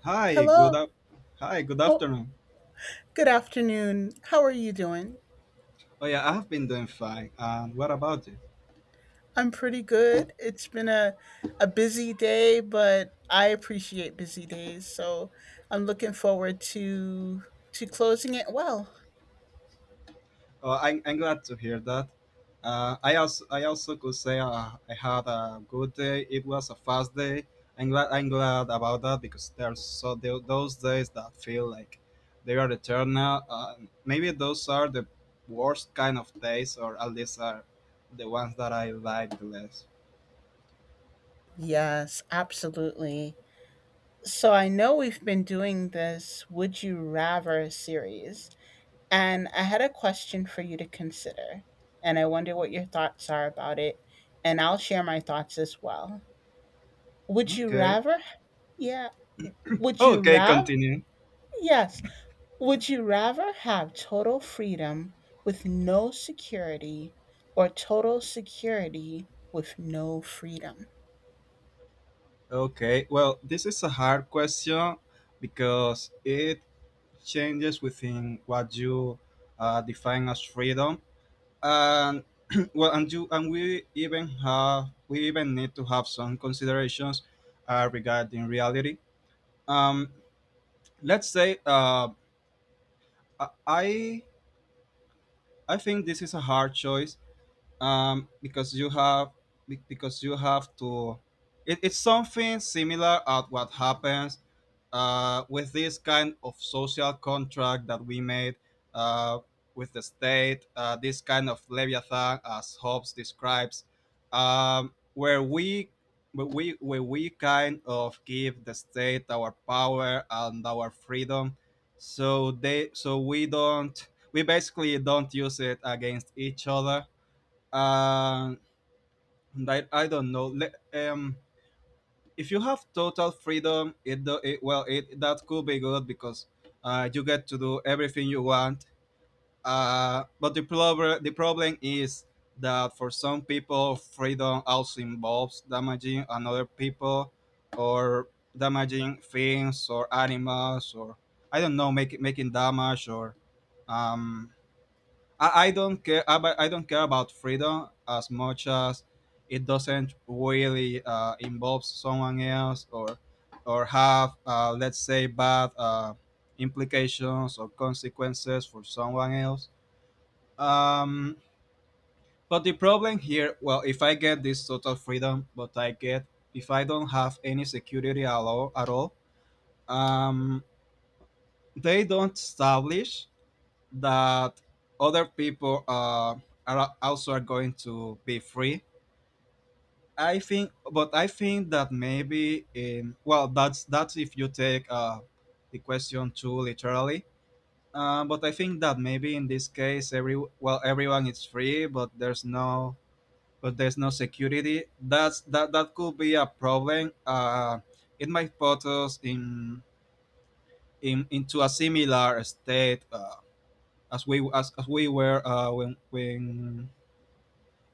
Hi, good Hello. up. Hi, good Oh, afternoon. good afternoon. How are you doing? Oh yeah, I have been doing fine. And what about you? I'm pretty good. It's been a busy day, but I appreciate busy days. So I'm looking forward to closing it well. Oh, I'm glad to hear that. I also could say, I had a good day. It was a fast day. I'm glad about that because there's so those days that feel like they are eternal. Maybe those are the worst kind of days, or at least are the ones that I like the less. Yes, absolutely. So I know we've been doing this Would You Rather series, and I had a question for you to consider. And I wonder what your thoughts are about it. And I'll share my thoughts as well. Would you Okay. rather? Yeah. Would you Okay, rather? continue. Yes. Would you rather have total freedom with no security or total security with no freedom? Okay, well, this is a hard question because it changes within what you, define as freedom, and well, and you and we even have we even need to have some considerations, regarding reality. Um, let's say, I I think this is a hard choice, because you have because you have to, it, it's something similar at what happens, with this kind of social contract that we made, uh, with the state, this kind of leviathan as Hobbes describes, where we where we kind of give the state our power and our freedom, so they so we don't we basically don't use it against each other. uh, that I don't know. Um, if you have total freedom, it well, it that could be good because, you get to do everything you want. But the problem is that for some people, freedom also involves damaging another people, or damaging things or animals, or I don't know, making making damage, or, um, I don't care about freedom as much as it doesn't really, involve someone else or have, let's say, bad, implications or consequences for someone else. Um, but the problem here, well, if I get this total freedom, but I get if I don't have any security at all, at all, um, they don't establish that other people, are also are going to be free. I think, but I think that maybe in well, that's if you take, the question too literally. But I think that maybe in this case, every well, everyone is free, but there's no security. That's that that could be a problem. It might put us in into a similar state, as we as we were, when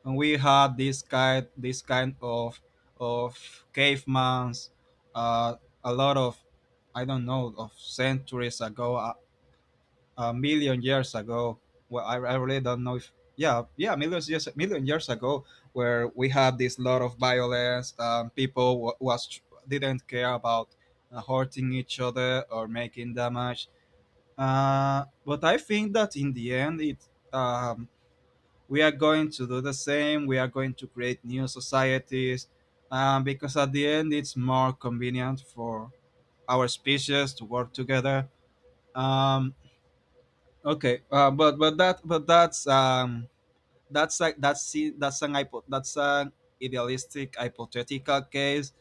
and we had this kind this kind of cavemans, uh, a lot of I don't know of centuries ago a million years ago well I really don't know if yeah yeah millions years million years ago where we had this lot of violence, people wa was didn't care about, hurting each other or making damage. But I think that in the end it, um, we are going to do the same, we are going to create new societies, because at the end it's more convenient for our species to work together. Um, okay uh, but that but that's, that's like that's that's an idealistic hypothetical case.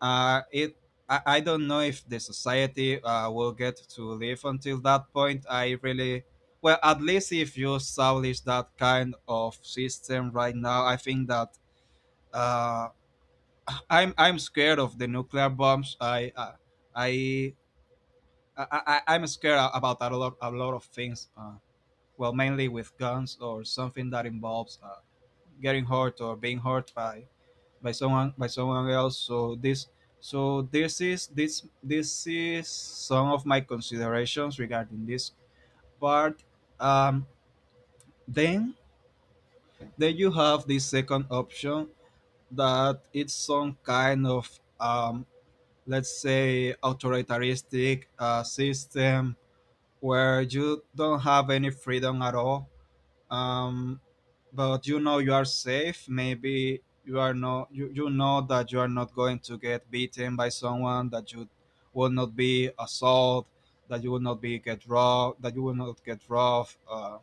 Uh, it I don't know if the society, will get to live until that point. I really well at least if you establish that kind of system right now, I think that, uh, I'm scared of the nuclear bombs. I, I'm scared about a lot of things. Well, mainly with guns or something that involves, getting hurt or being hurt by someone else. So this so this is this this is some of my considerations regarding this part. Um then then you have the second option that it's some kind of, let's say, authoritarianistic, system, where you don't have any freedom at all, um, but you know you are safe. Maybe you are no you know that you are not going to get beaten by someone, that you will not be assaulted, that you will not be get robbed, that you will not get robbed. uh,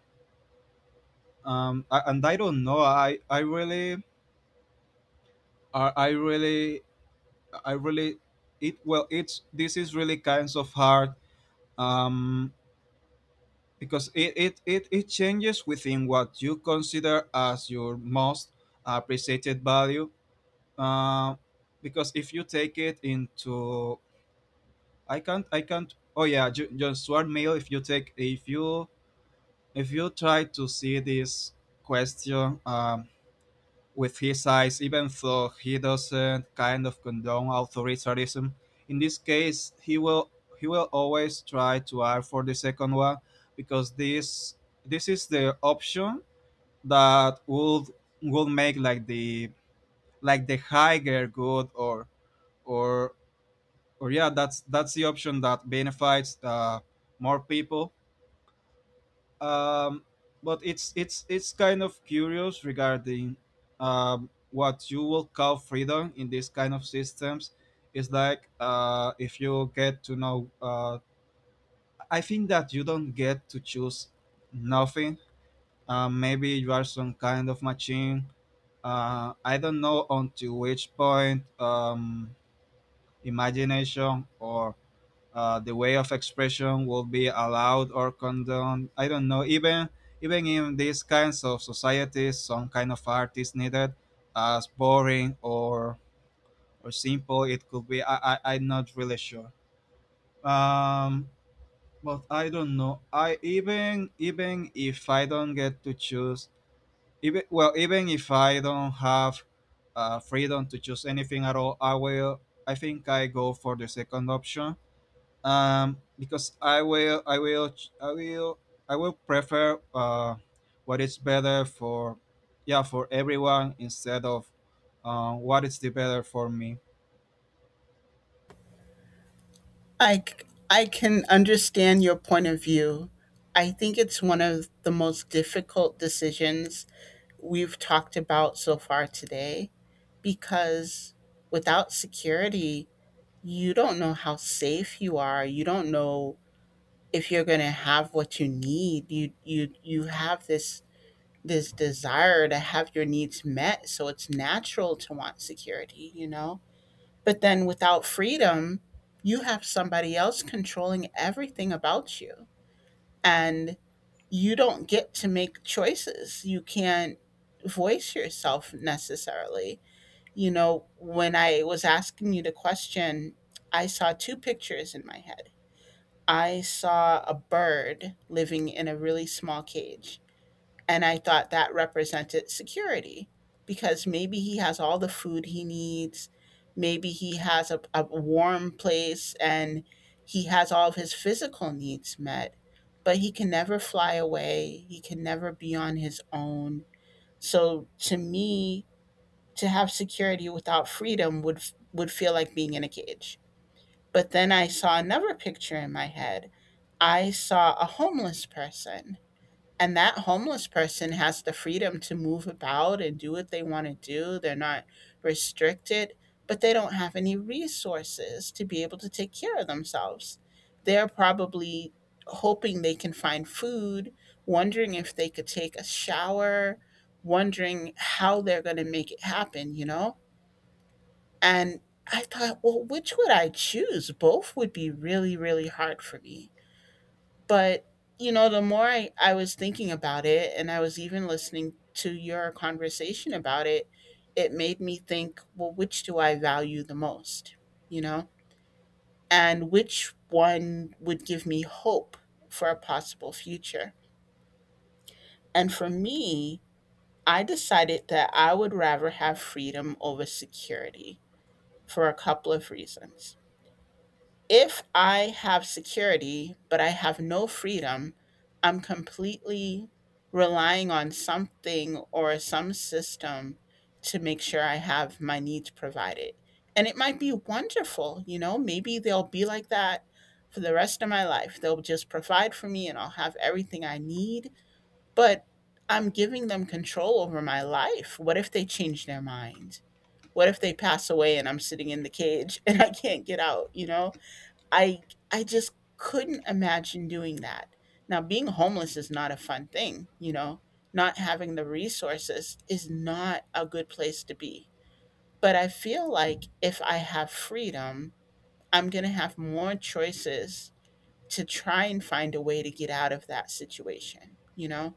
um, I, And I don't know. I really I really I really it well it's this is really kinds of hard, um, because it changes within what you consider as your most appreciated value. Uh, because if you take it into I can't oh yeah just one mail if you take if you try to see this question, with his eyes, even though he doesn't kind of condone authoritarianism, in this case he will always try to ask for the second one, because this is the option that would make like the higher good or or yeah that's the option that benefits, more people. um, but it's it's kind of curious regarding, what you will call freedom in these kind of systems. It's like, if you get to know, I think that you don't get to choose nothing. Maybe you are some kind of machine, I don't know until which point, imagination or, the way of expression will be allowed or condoned. I don't know. Even even in these kinds of societies, some kind of art is needed, as boring or simple it could be. I'm not really sure. Um, but I don't know. I even even if I don't get to choose, even well, even if I don't have, freedom to choose anything at all, I will. I think I go for the second option, because I will prefer, what is better for, yeah, for everyone instead of, what is the better for me. I can understand your point of view. I think it's one of the most difficult decisions we've talked about so far today because without security, you don't know how safe you are. You don't know if you're going to have what you need. You have this desire to have your needs met, so it's natural to want security, you know. But then without freedom, you have somebody else controlling everything about you, and you don't get to make choices. You can't voice yourself necessarily, you know. When I was asking you the question, I saw two pictures in my head. I saw a bird living in a really small cage. And I thought that represented security because maybe he has all the food he needs. Maybe he has a warm place, and he has all of his physical needs met, but he can never fly away. He can never be on his own. So to me, to have security without freedom would feel like being in a cage. But then I saw another picture in my head. I saw a homeless person, and that homeless person has the freedom to move about and do what they want to do. They're not restricted, but they don't have any resources to be able to take care of themselves. They're probably hoping they can find food, wondering if they could take a shower, wondering how they're going to make it happen, you know? And I thought, well, which would I choose? Both would be really, really hard for me. But, you know, the more I was thinking about it, and I was even listening to your conversation about it, it made me think, well, which do I value the most, you know? And which one would give me hope for a possible future? And for me, I decided that I would rather have freedom over security for a couple of reasons. If I have security, but I have no freedom, I'm completely relying on something or some system to make sure I have my needs provided. And it might be wonderful, you know, maybe they'll be like that for the rest of my life. They'll just provide for me, and I'll have everything I need. But I'm giving them control over my life. What if they change their mind? What if they pass away and I'm sitting in the cage and I can't get out, you know? I I just couldn't imagine doing that. Now, being homeless is not a fun thing, you know. Not having the resources is not a good place to be. But I feel like if I have freedom, I'm going to have more choices to try and find a way to get out of that situation, you know.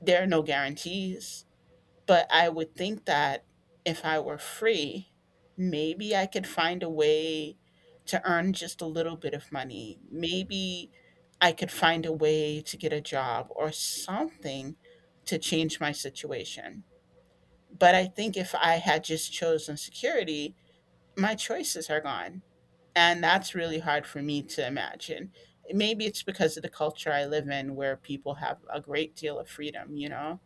There are no guarantees. But I would think that if I were free, maybe I could find a way to earn just a little bit of money. Maybe I could find a way to get a job or something to change my situation. But I think if I had just chosen security, my choices are gone. And that's really hard for me to imagine. Maybe it's because of the culture I live in, where people have a great deal of freedom, you know?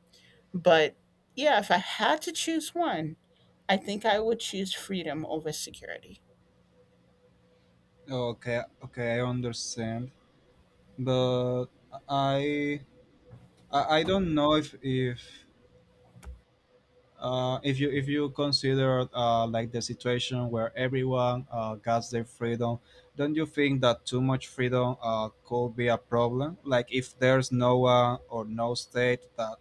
But yeah, if I had to choose one, I think I would choose freedom over security. Okay, okay, I understand, but I, I don't know if, if you if you consider, like the situation where everyone, gets their freedom, don't you think that too much freedom, could be a problem? Like if there's no one or no state that,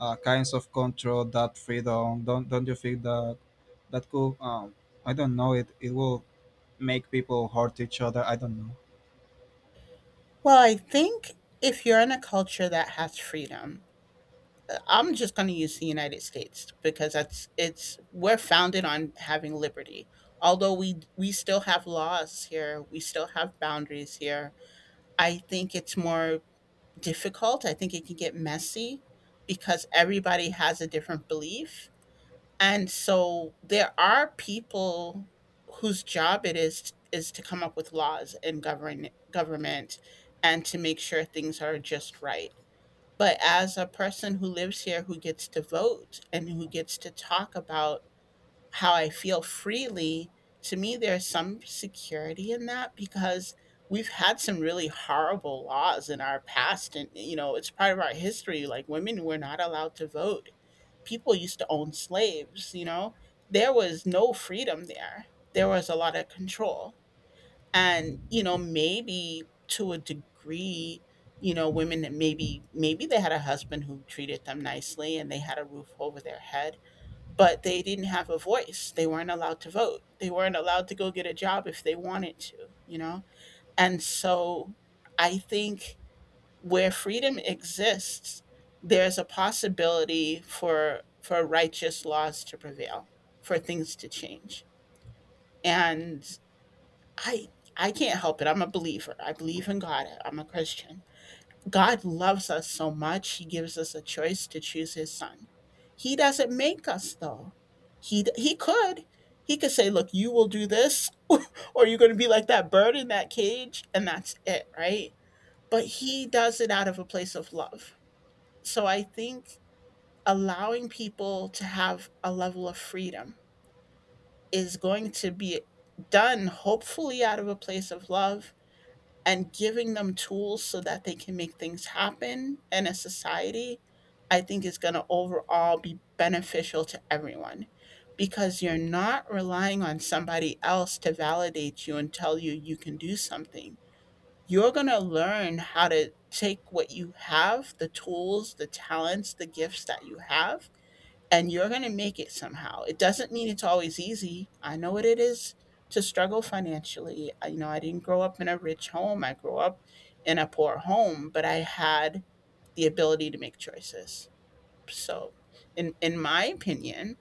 kinds of control that freedom, don't you think that that could, I don't know it it will make people hurt each other? I don't know. Well, I think if you're in a culture that has freedom, I'm just going to use the United States because that's it's we're founded on having liberty. Although we still have laws here, we still have boundaries here. I think it's more difficult. I think it can get messy because everybody has a different belief. And so there are people whose job it is to come up with laws in govern government and to make sure things are just right. But as a person who lives here, who gets to vote and who gets to talk about how I feel freely, to me there's some security in that, because we've had some really horrible laws in our past, and, you know, it's part of our history. Like, women were not allowed to vote, people used to own slaves, you know? There was no freedom there. There was a lot of control. And, you know, maybe to a degree, you know, women that maybe they had a husband who treated them nicely and they had a roof over their head, but they didn't have a voice. They weren't allowed to vote. They weren't allowed to go get a job if they wanted to, you know? And so I think where freedom exists, there's a possibility for righteous laws to prevail, for things to change. And I I can't help it. I'm a believer. I believe in God. I'm a Christian. God loves us so much. He gives us a choice to choose his son. He doesn't make us though. He could he could say, "Look, you will do this or you're going to be like that bird in that cage," and that's it, right? But he does it out of a place of love, so I think allowing people to have a level of freedom is going to be done hopefully out of a place of love, and giving them tools so that they can make things happen in a society, I think, is going to overall be beneficial to everyone, because you're not relying on somebody else to validate you and tell you you can do something. You're going to learn how to take what you have, the tools, the talents, the gifts that you have, and you're going to make it somehow. It doesn't mean it's always easy. I know what it is to struggle financially. I, you know, I didn't grow up in a rich home. I grew up in a poor home, but I had the ability to make choices. So, in my opinion,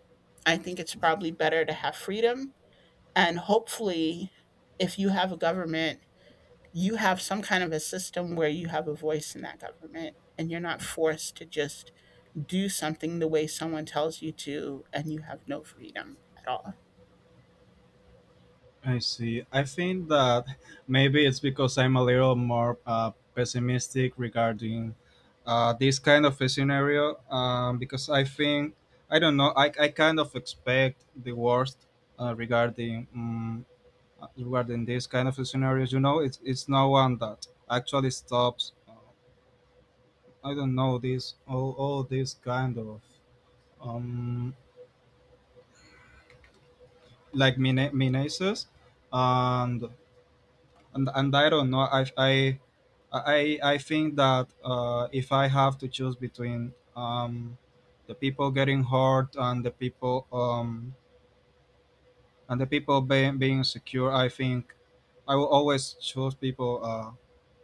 I think it's probably better to have freedom, and hopefully if you have a government, you have some kind of a system where you have a voice in that government and you're not forced to just do something the way someone tells you to and you have no freedom at all. I see. I think that maybe it's because I'm a little more, pessimistic regarding, this kind of a scenario. Because I think, I don't know, I kind of expect the worst, regarding, regarding this kind of scenarios. You know, it's no one that actually stops. I don't know, this all this kind of, um, like menaces. And and I don't know. I think that, if I have to choose between, the people getting hurt and the people, and the people being secure, I think I will always choose people,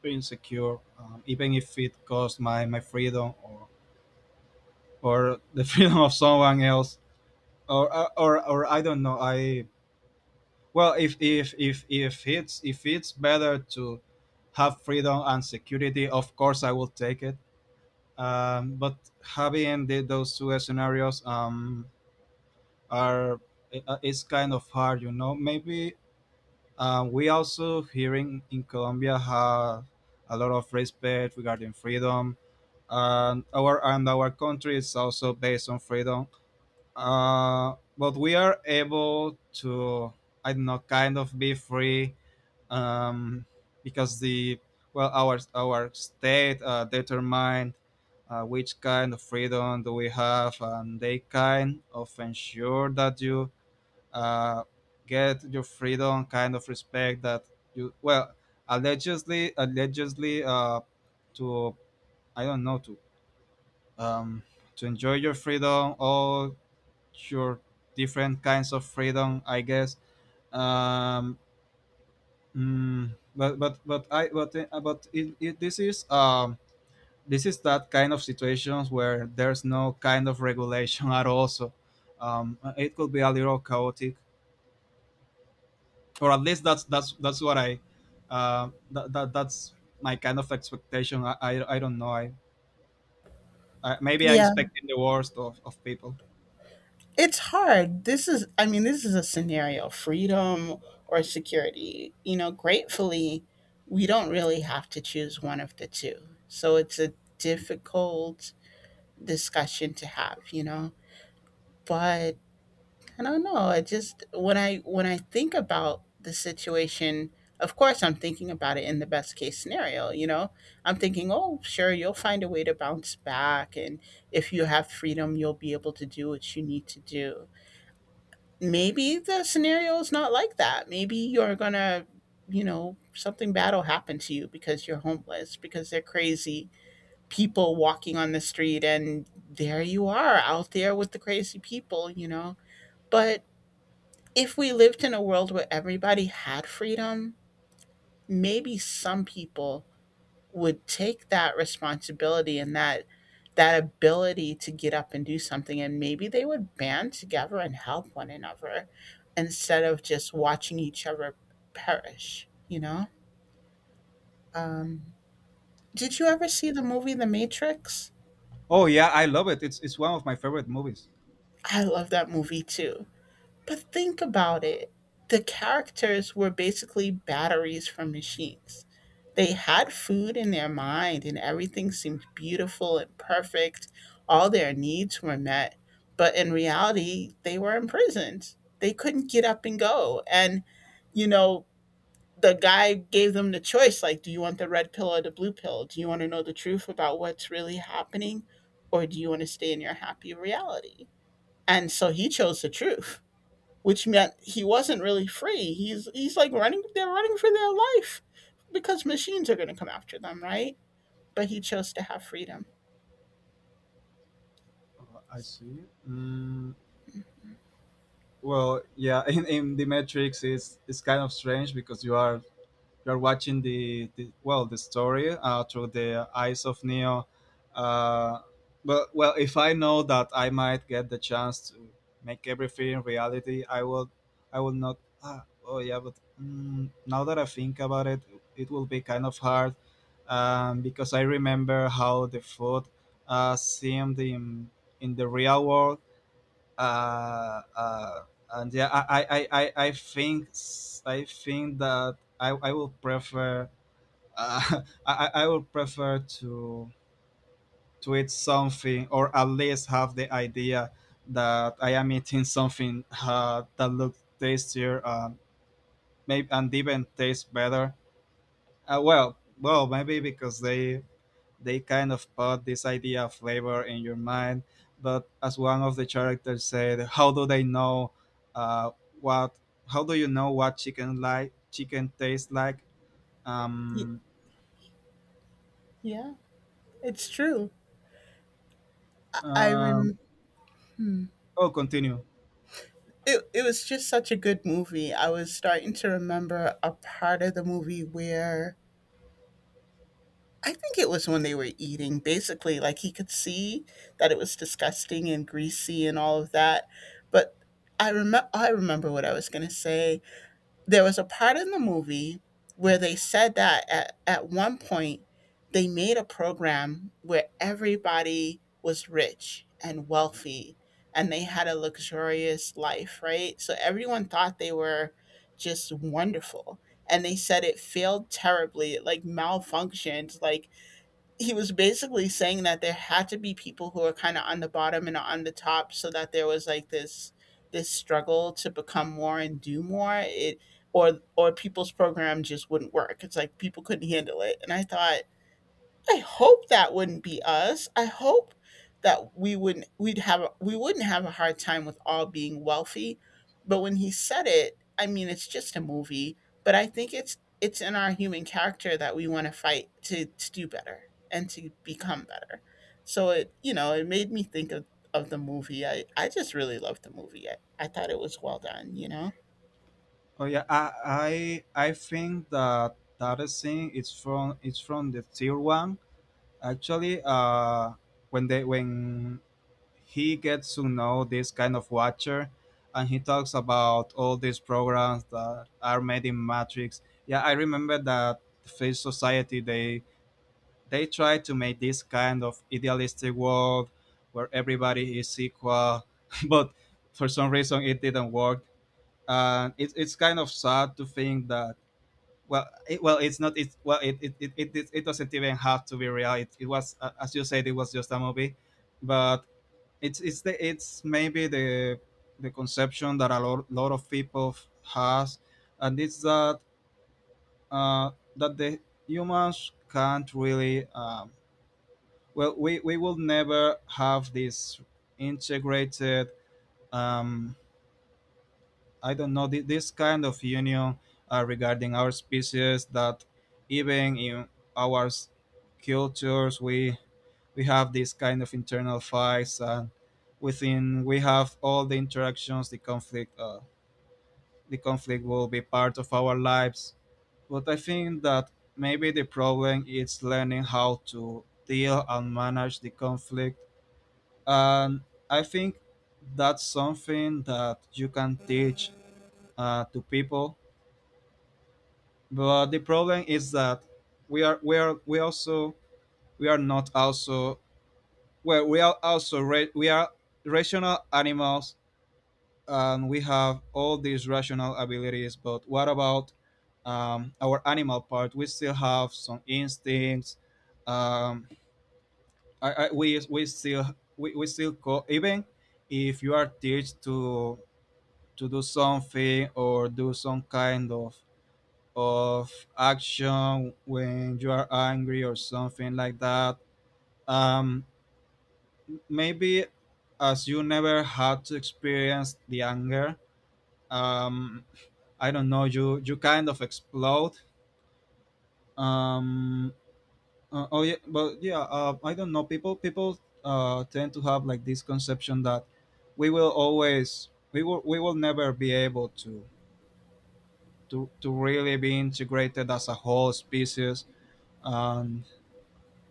being secure, even if it costs my freedom or the freedom of someone else, or, or I don't know. I well, if it's if it's better to have freedom and security, of course I will take it. But having the, those two scenarios, are, it's kind of hard, you know. Maybe, we also hearing in Colombia have a lot of respect regarding freedom, and our country is also based on freedom. But we are able to, I don't know, kind of be free, um, because the well our state, determined, which kind of freedom do we have, and they kind of ensure that you, uh, get your freedom kind of respect that you well allegedly, to I don't know to, um, to enjoy your freedom all your different kinds of freedom I guess, um, Mm, but I but, but it, this is that kind of situations where there's no kind of regulation at all. So, it could be a little chaotic, or at least that's that's what I, that's my kind of expectation. I don't know. I maybe I'm Yeah. expecting the worst of people. It's hard. This is, I mean, this is a scenario: freedom or security. You know, gratefully we don't really have to choose one of the two. So it's a difficult discussion to have, you know. But I don't know. I just, when I think about the situation, of course I'm thinking about it in the best case scenario, you know. I'm thinking, "Oh, sure, you'll find a way to bounce back, and if you have freedom, you'll be able to do what you need to do." Maybe the scenario is not like that. Maybe you're going to, you know, something bad will happen to you because you're homeless, because they're crazy people walking on the street and there you are out there with the crazy people, you know. But if we lived in a world where everybody had freedom, maybe some people would take that responsibility and that ability to get up and do something, and maybe they would band together and help one another instead of just watching each other perish, you know. um, did you ever see the movie The Matrix? Oh yeah, I love it. It's one of my favorite movies. I love that movie too. But think about it. The characters were basically batteries from machines. They had food in their mind and everything seemed beautiful and perfect. All their needs were met. But in reality, they were imprisoned. They couldn't get up and go. And, you know, the guy gave them the choice, like, do you want the red pill or the blue pill? Do you want to know the truth about what's really happening? Or do you want to stay in your happy reality? And so he chose the truth, which meant he wasn't really free. He's like running. They're running for their life because machines are going to come after them, right? But he chose to have freedom. I see. Mm, well, yeah, in the Matrix, it's kind of strange because you are you're watching the well the story, through the eyes of Neo. Uh, but well, if I know that I might get the chance to make everything reality, I will. I will not. Now that I think about it, it will be kind of hard because I remember how the food seemed in the real world uh, uh, and yeah, I think that I will prefer uh, I will prefer to eat something or at least have the idea that I am eating something that looks tastier, maybe and even tastes better. Maybe because they kind of put this idea of flavor in your mind. But as one of the characters said, how do they know uh, what? How do you know what chicken like chicken tastes like? Y- Um, yeah, it's true. I um, rem. oh, continue. It was just such a good movie. I was starting to remember a part of the movie where I think it was when they were eating. Basically, like he could see that it was disgusting and greasy and all of that. But I remember what I was going to say. There was a part in the movie where they said that at one point they made a program where everybody was rich and wealthy and they had a luxurious life, right? So everyone thought they were just wonderful. And they said it failed terribly, it like malfunctioned, like he was basically saying that there had to be people who are kind of on the bottom and on the top so that there was like this struggle to become more and do more. It or or people's program just wouldn't work. It's like people couldn't handle it, and I thought, I hope that wouldn't be us. I hope that we wouldn't have a hard time with all being wealthy. But when he said it, I mean, it's just a movie, but I think it's in our human character that we want to fight to do better and to become better. So it made me think of the movie. I just really loved the movie. I thought it was well done, Oh yeah, I think that that scene is from it's from the tier one. Actually, when they when he gets to know this kind of watcher, and he talks about all these programs that are made in Matrix. Yeah, I remember that Face Society they try to make this kind of idealistic world where everybody is equal, but for some reason it didn't work. And it's kind of sad to think that well, it, well, it's not. It's well, it doesn't even have to be real. It was, as you said, it was just a movie, but it's maybe the conception that a lot of people has, and it's that that the humans can't really. Well, we will never have this integrated um, I don't know this kind of union regarding our species that even in our s- cultures we have this kind of internal fights and within we have all the interactions the conflict will be part of our lives but I think that maybe the problem is learning how to deal and manage the conflict and I think that's something that you can teach to people, but the problem is that we are we also we are not also well we are also we are rational animals and we have all these rational abilities, but what about our animal part? We still have some instincts. um, we still we still even if you are teach to do something or do some kind of action when you are angry or something like that. Um, maybe as you never had to experience the anger, um, I don't know, you kind of explode. Um, oh yeah, but yeah, I don't know. People tend to have like this conception that we will always we will never be able to to really be integrated as a whole species, and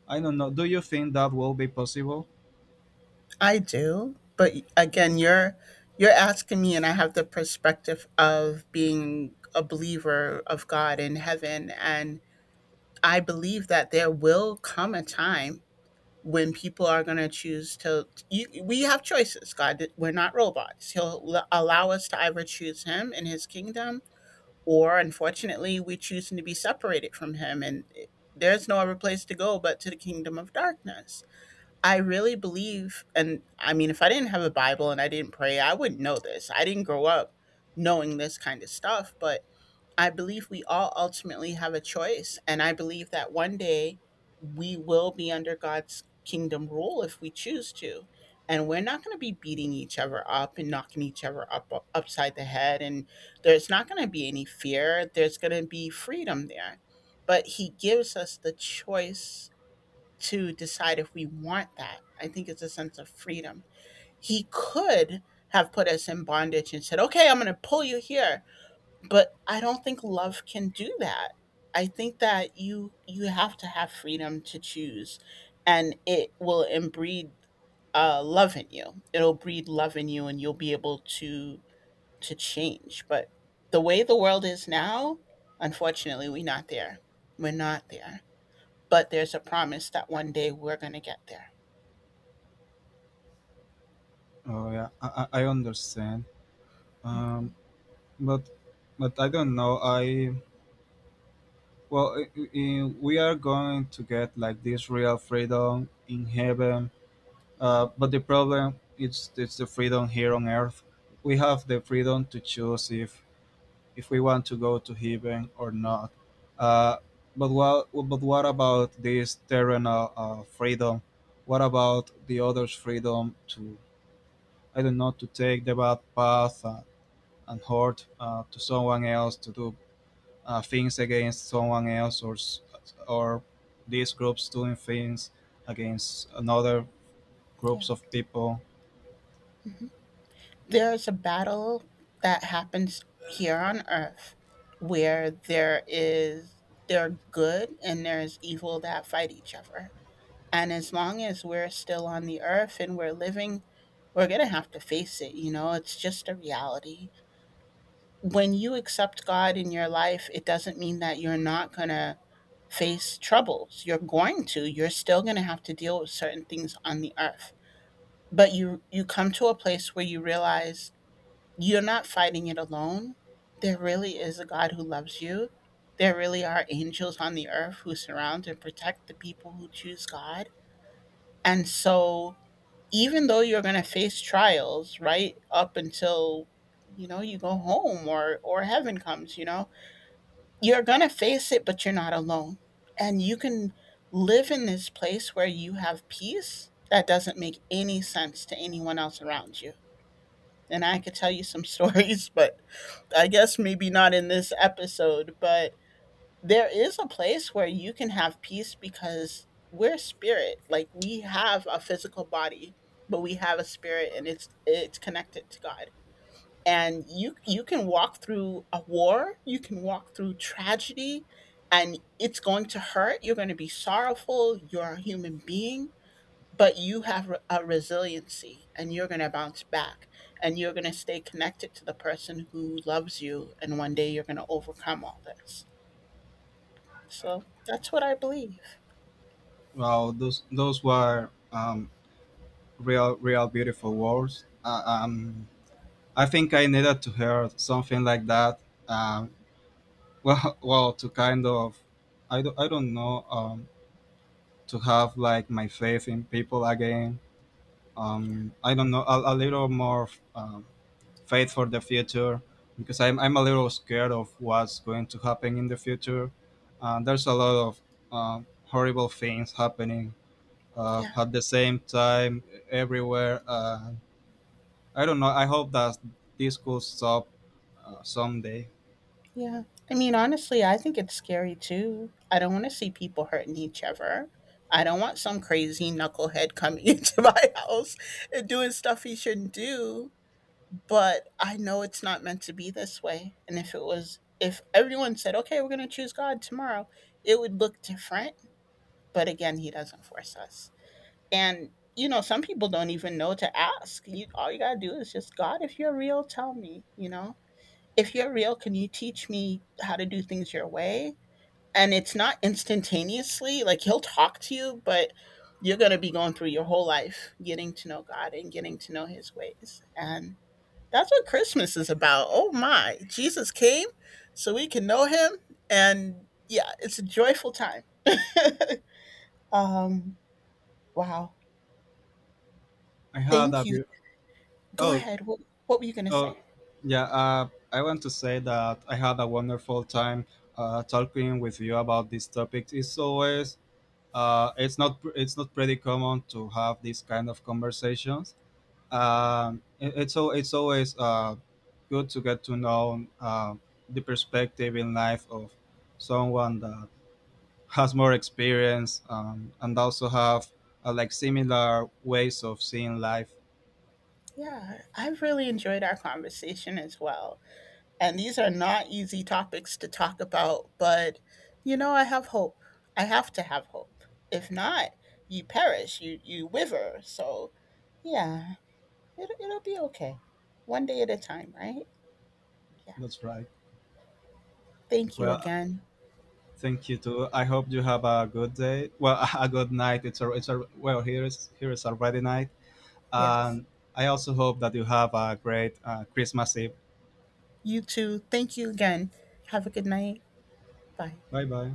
I don't know. Do you think that will be possible? I do, but again, you're asking me, and I have the perspective of being a believer of God in heaven, and I believe that there will come a time when people are going to choose to. You, we have choices. God, we're not robots. He'll allow us to either choose Him and His kingdom, or unfortunately, we choose to be separated from Him, and there's no other place to go but to the kingdom of darkness. I really believe, and I mean, if I didn't have a Bible and I didn't pray, I wouldn't know this. I didn't grow up knowing this kind of stuff, but I believe we all ultimately have a choice. And I believe that one day we will be under God's kingdom rule if we choose to. And we're not going to be beating each other up and knocking each other up upside the head. And there's not going to be any fear. There's going to be freedom there. But He gives us the choice to decide if we want that. I think it's a sense of freedom. He could have put us in bondage and said, okay, I'm going to pull you here. But I don't think love can do that. I think that you have to have freedom to choose, and it will breed love in you. It'll breed love in you, and you'll be able to change. But the way the world is now, unfortunately, we're not there. We're not there, but there's a promise that one day we're going to get there. Oh yeah, I understand. Um, but but I don't know. I well, I we are going to get like this real freedom in heaven. Mhm. But the problem is it's the freedom here on earth. We have the freedom to choose if we want to go to heaven or not. Uh, but what about this terrenal freedom? What about the others' freedom to I don't know, to take the bad path and hurt to someone else, to do things against someone else, or these groups doing things against another Yeah. groups of people. Mhm. There's a battle that happens here on earth where there are good and there is evil that fight each other. And as long as we're still on the earth and we're living, we're going to have to face it, you know? It's just a reality. When you accept God in your life, it doesn't mean that you're not going to face troubles. You're going to. You're still going to have to deal with certain things on the earth. But you come to a place where you realize you're not fighting it alone. There really is a God who loves you. There really are angels on the earth who surround and protect the people who choose God. And so even though you're going to face trials right up until, you know, you go home or heaven comes, you know, you're going to face it, but you're not alone. And you can live in this place where you have peace that doesn't make any sense to anyone else around you. And I could tell you some stories, but I guess maybe not in this episode. But there is a place where you can have peace because we're spirit. Like we have a physical body, but we have a spirit, and it's connected to God. And you can walk through a war, you can walk through tragedy, and it's going to hurt. You're going to be sorrowful. You're a human being, but you have a resiliency, and you're going to bounce back, and you're going to stay connected to the person who loves you, and one day you're going to overcome all this. So that's what I believe. Wow, those were real beautiful words. I think I needed to hear something like that. Um, well, well, to kind of, I don't know, to have like my faith in people again, I don't know, a little more um, faith for the future, because I'm a little scared of what's going to happen in the future. There's a lot of horrible things happening Yeah. at the same time everywhere. I don't know. I hope that this could stop someday. Yeah. I mean, honestly, I think it's scary too. I don't want to see people hurting each other. I don't want some crazy knucklehead coming into my house and doing stuff he shouldn't do. But I know it's not meant to be this way. And if it was, if everyone said, okay, we're going to choose God tomorrow, it would look different. But again, he doesn't force us. And, you know, some people don't even know to ask. You, all you got to do is just, God, if you're real, tell me, you know? If you're real, can you teach me how to do things your way? And it's not instantaneously, like he'll talk to you, but you're going to be going through your whole life getting to know God and getting to know his ways. And that's what Christmas is about. Oh my, Jesus came so we can know him. And yeah, it's a joyful time. um, wow. I had Thank a you. beau- Go oh ahead. What were you going to say? oh yeah. I want to say that I had a wonderful time talking with you about this topic. It's always it's not pretty common to have these kind of conversations. It's always good to get to know the perspective in life of someone that has more experience, and also have like similar ways of seeing life. Yeah, I've really enjoyed our conversation as well. And these are not easy topics to talk about, but you know, I have hope. I have to have hope. If not, you perish, you wither. So, yeah, it'll be okay. One day at a time, right? Yeah. That's right. Thank you Well, again. thank you too. I hope you have a good day. Well, a good night. It's a well here is already night, Yes. and I also hope that you have a great Christmas Eve. You too. Thank you again. Have a good night. Bye. Bye bye.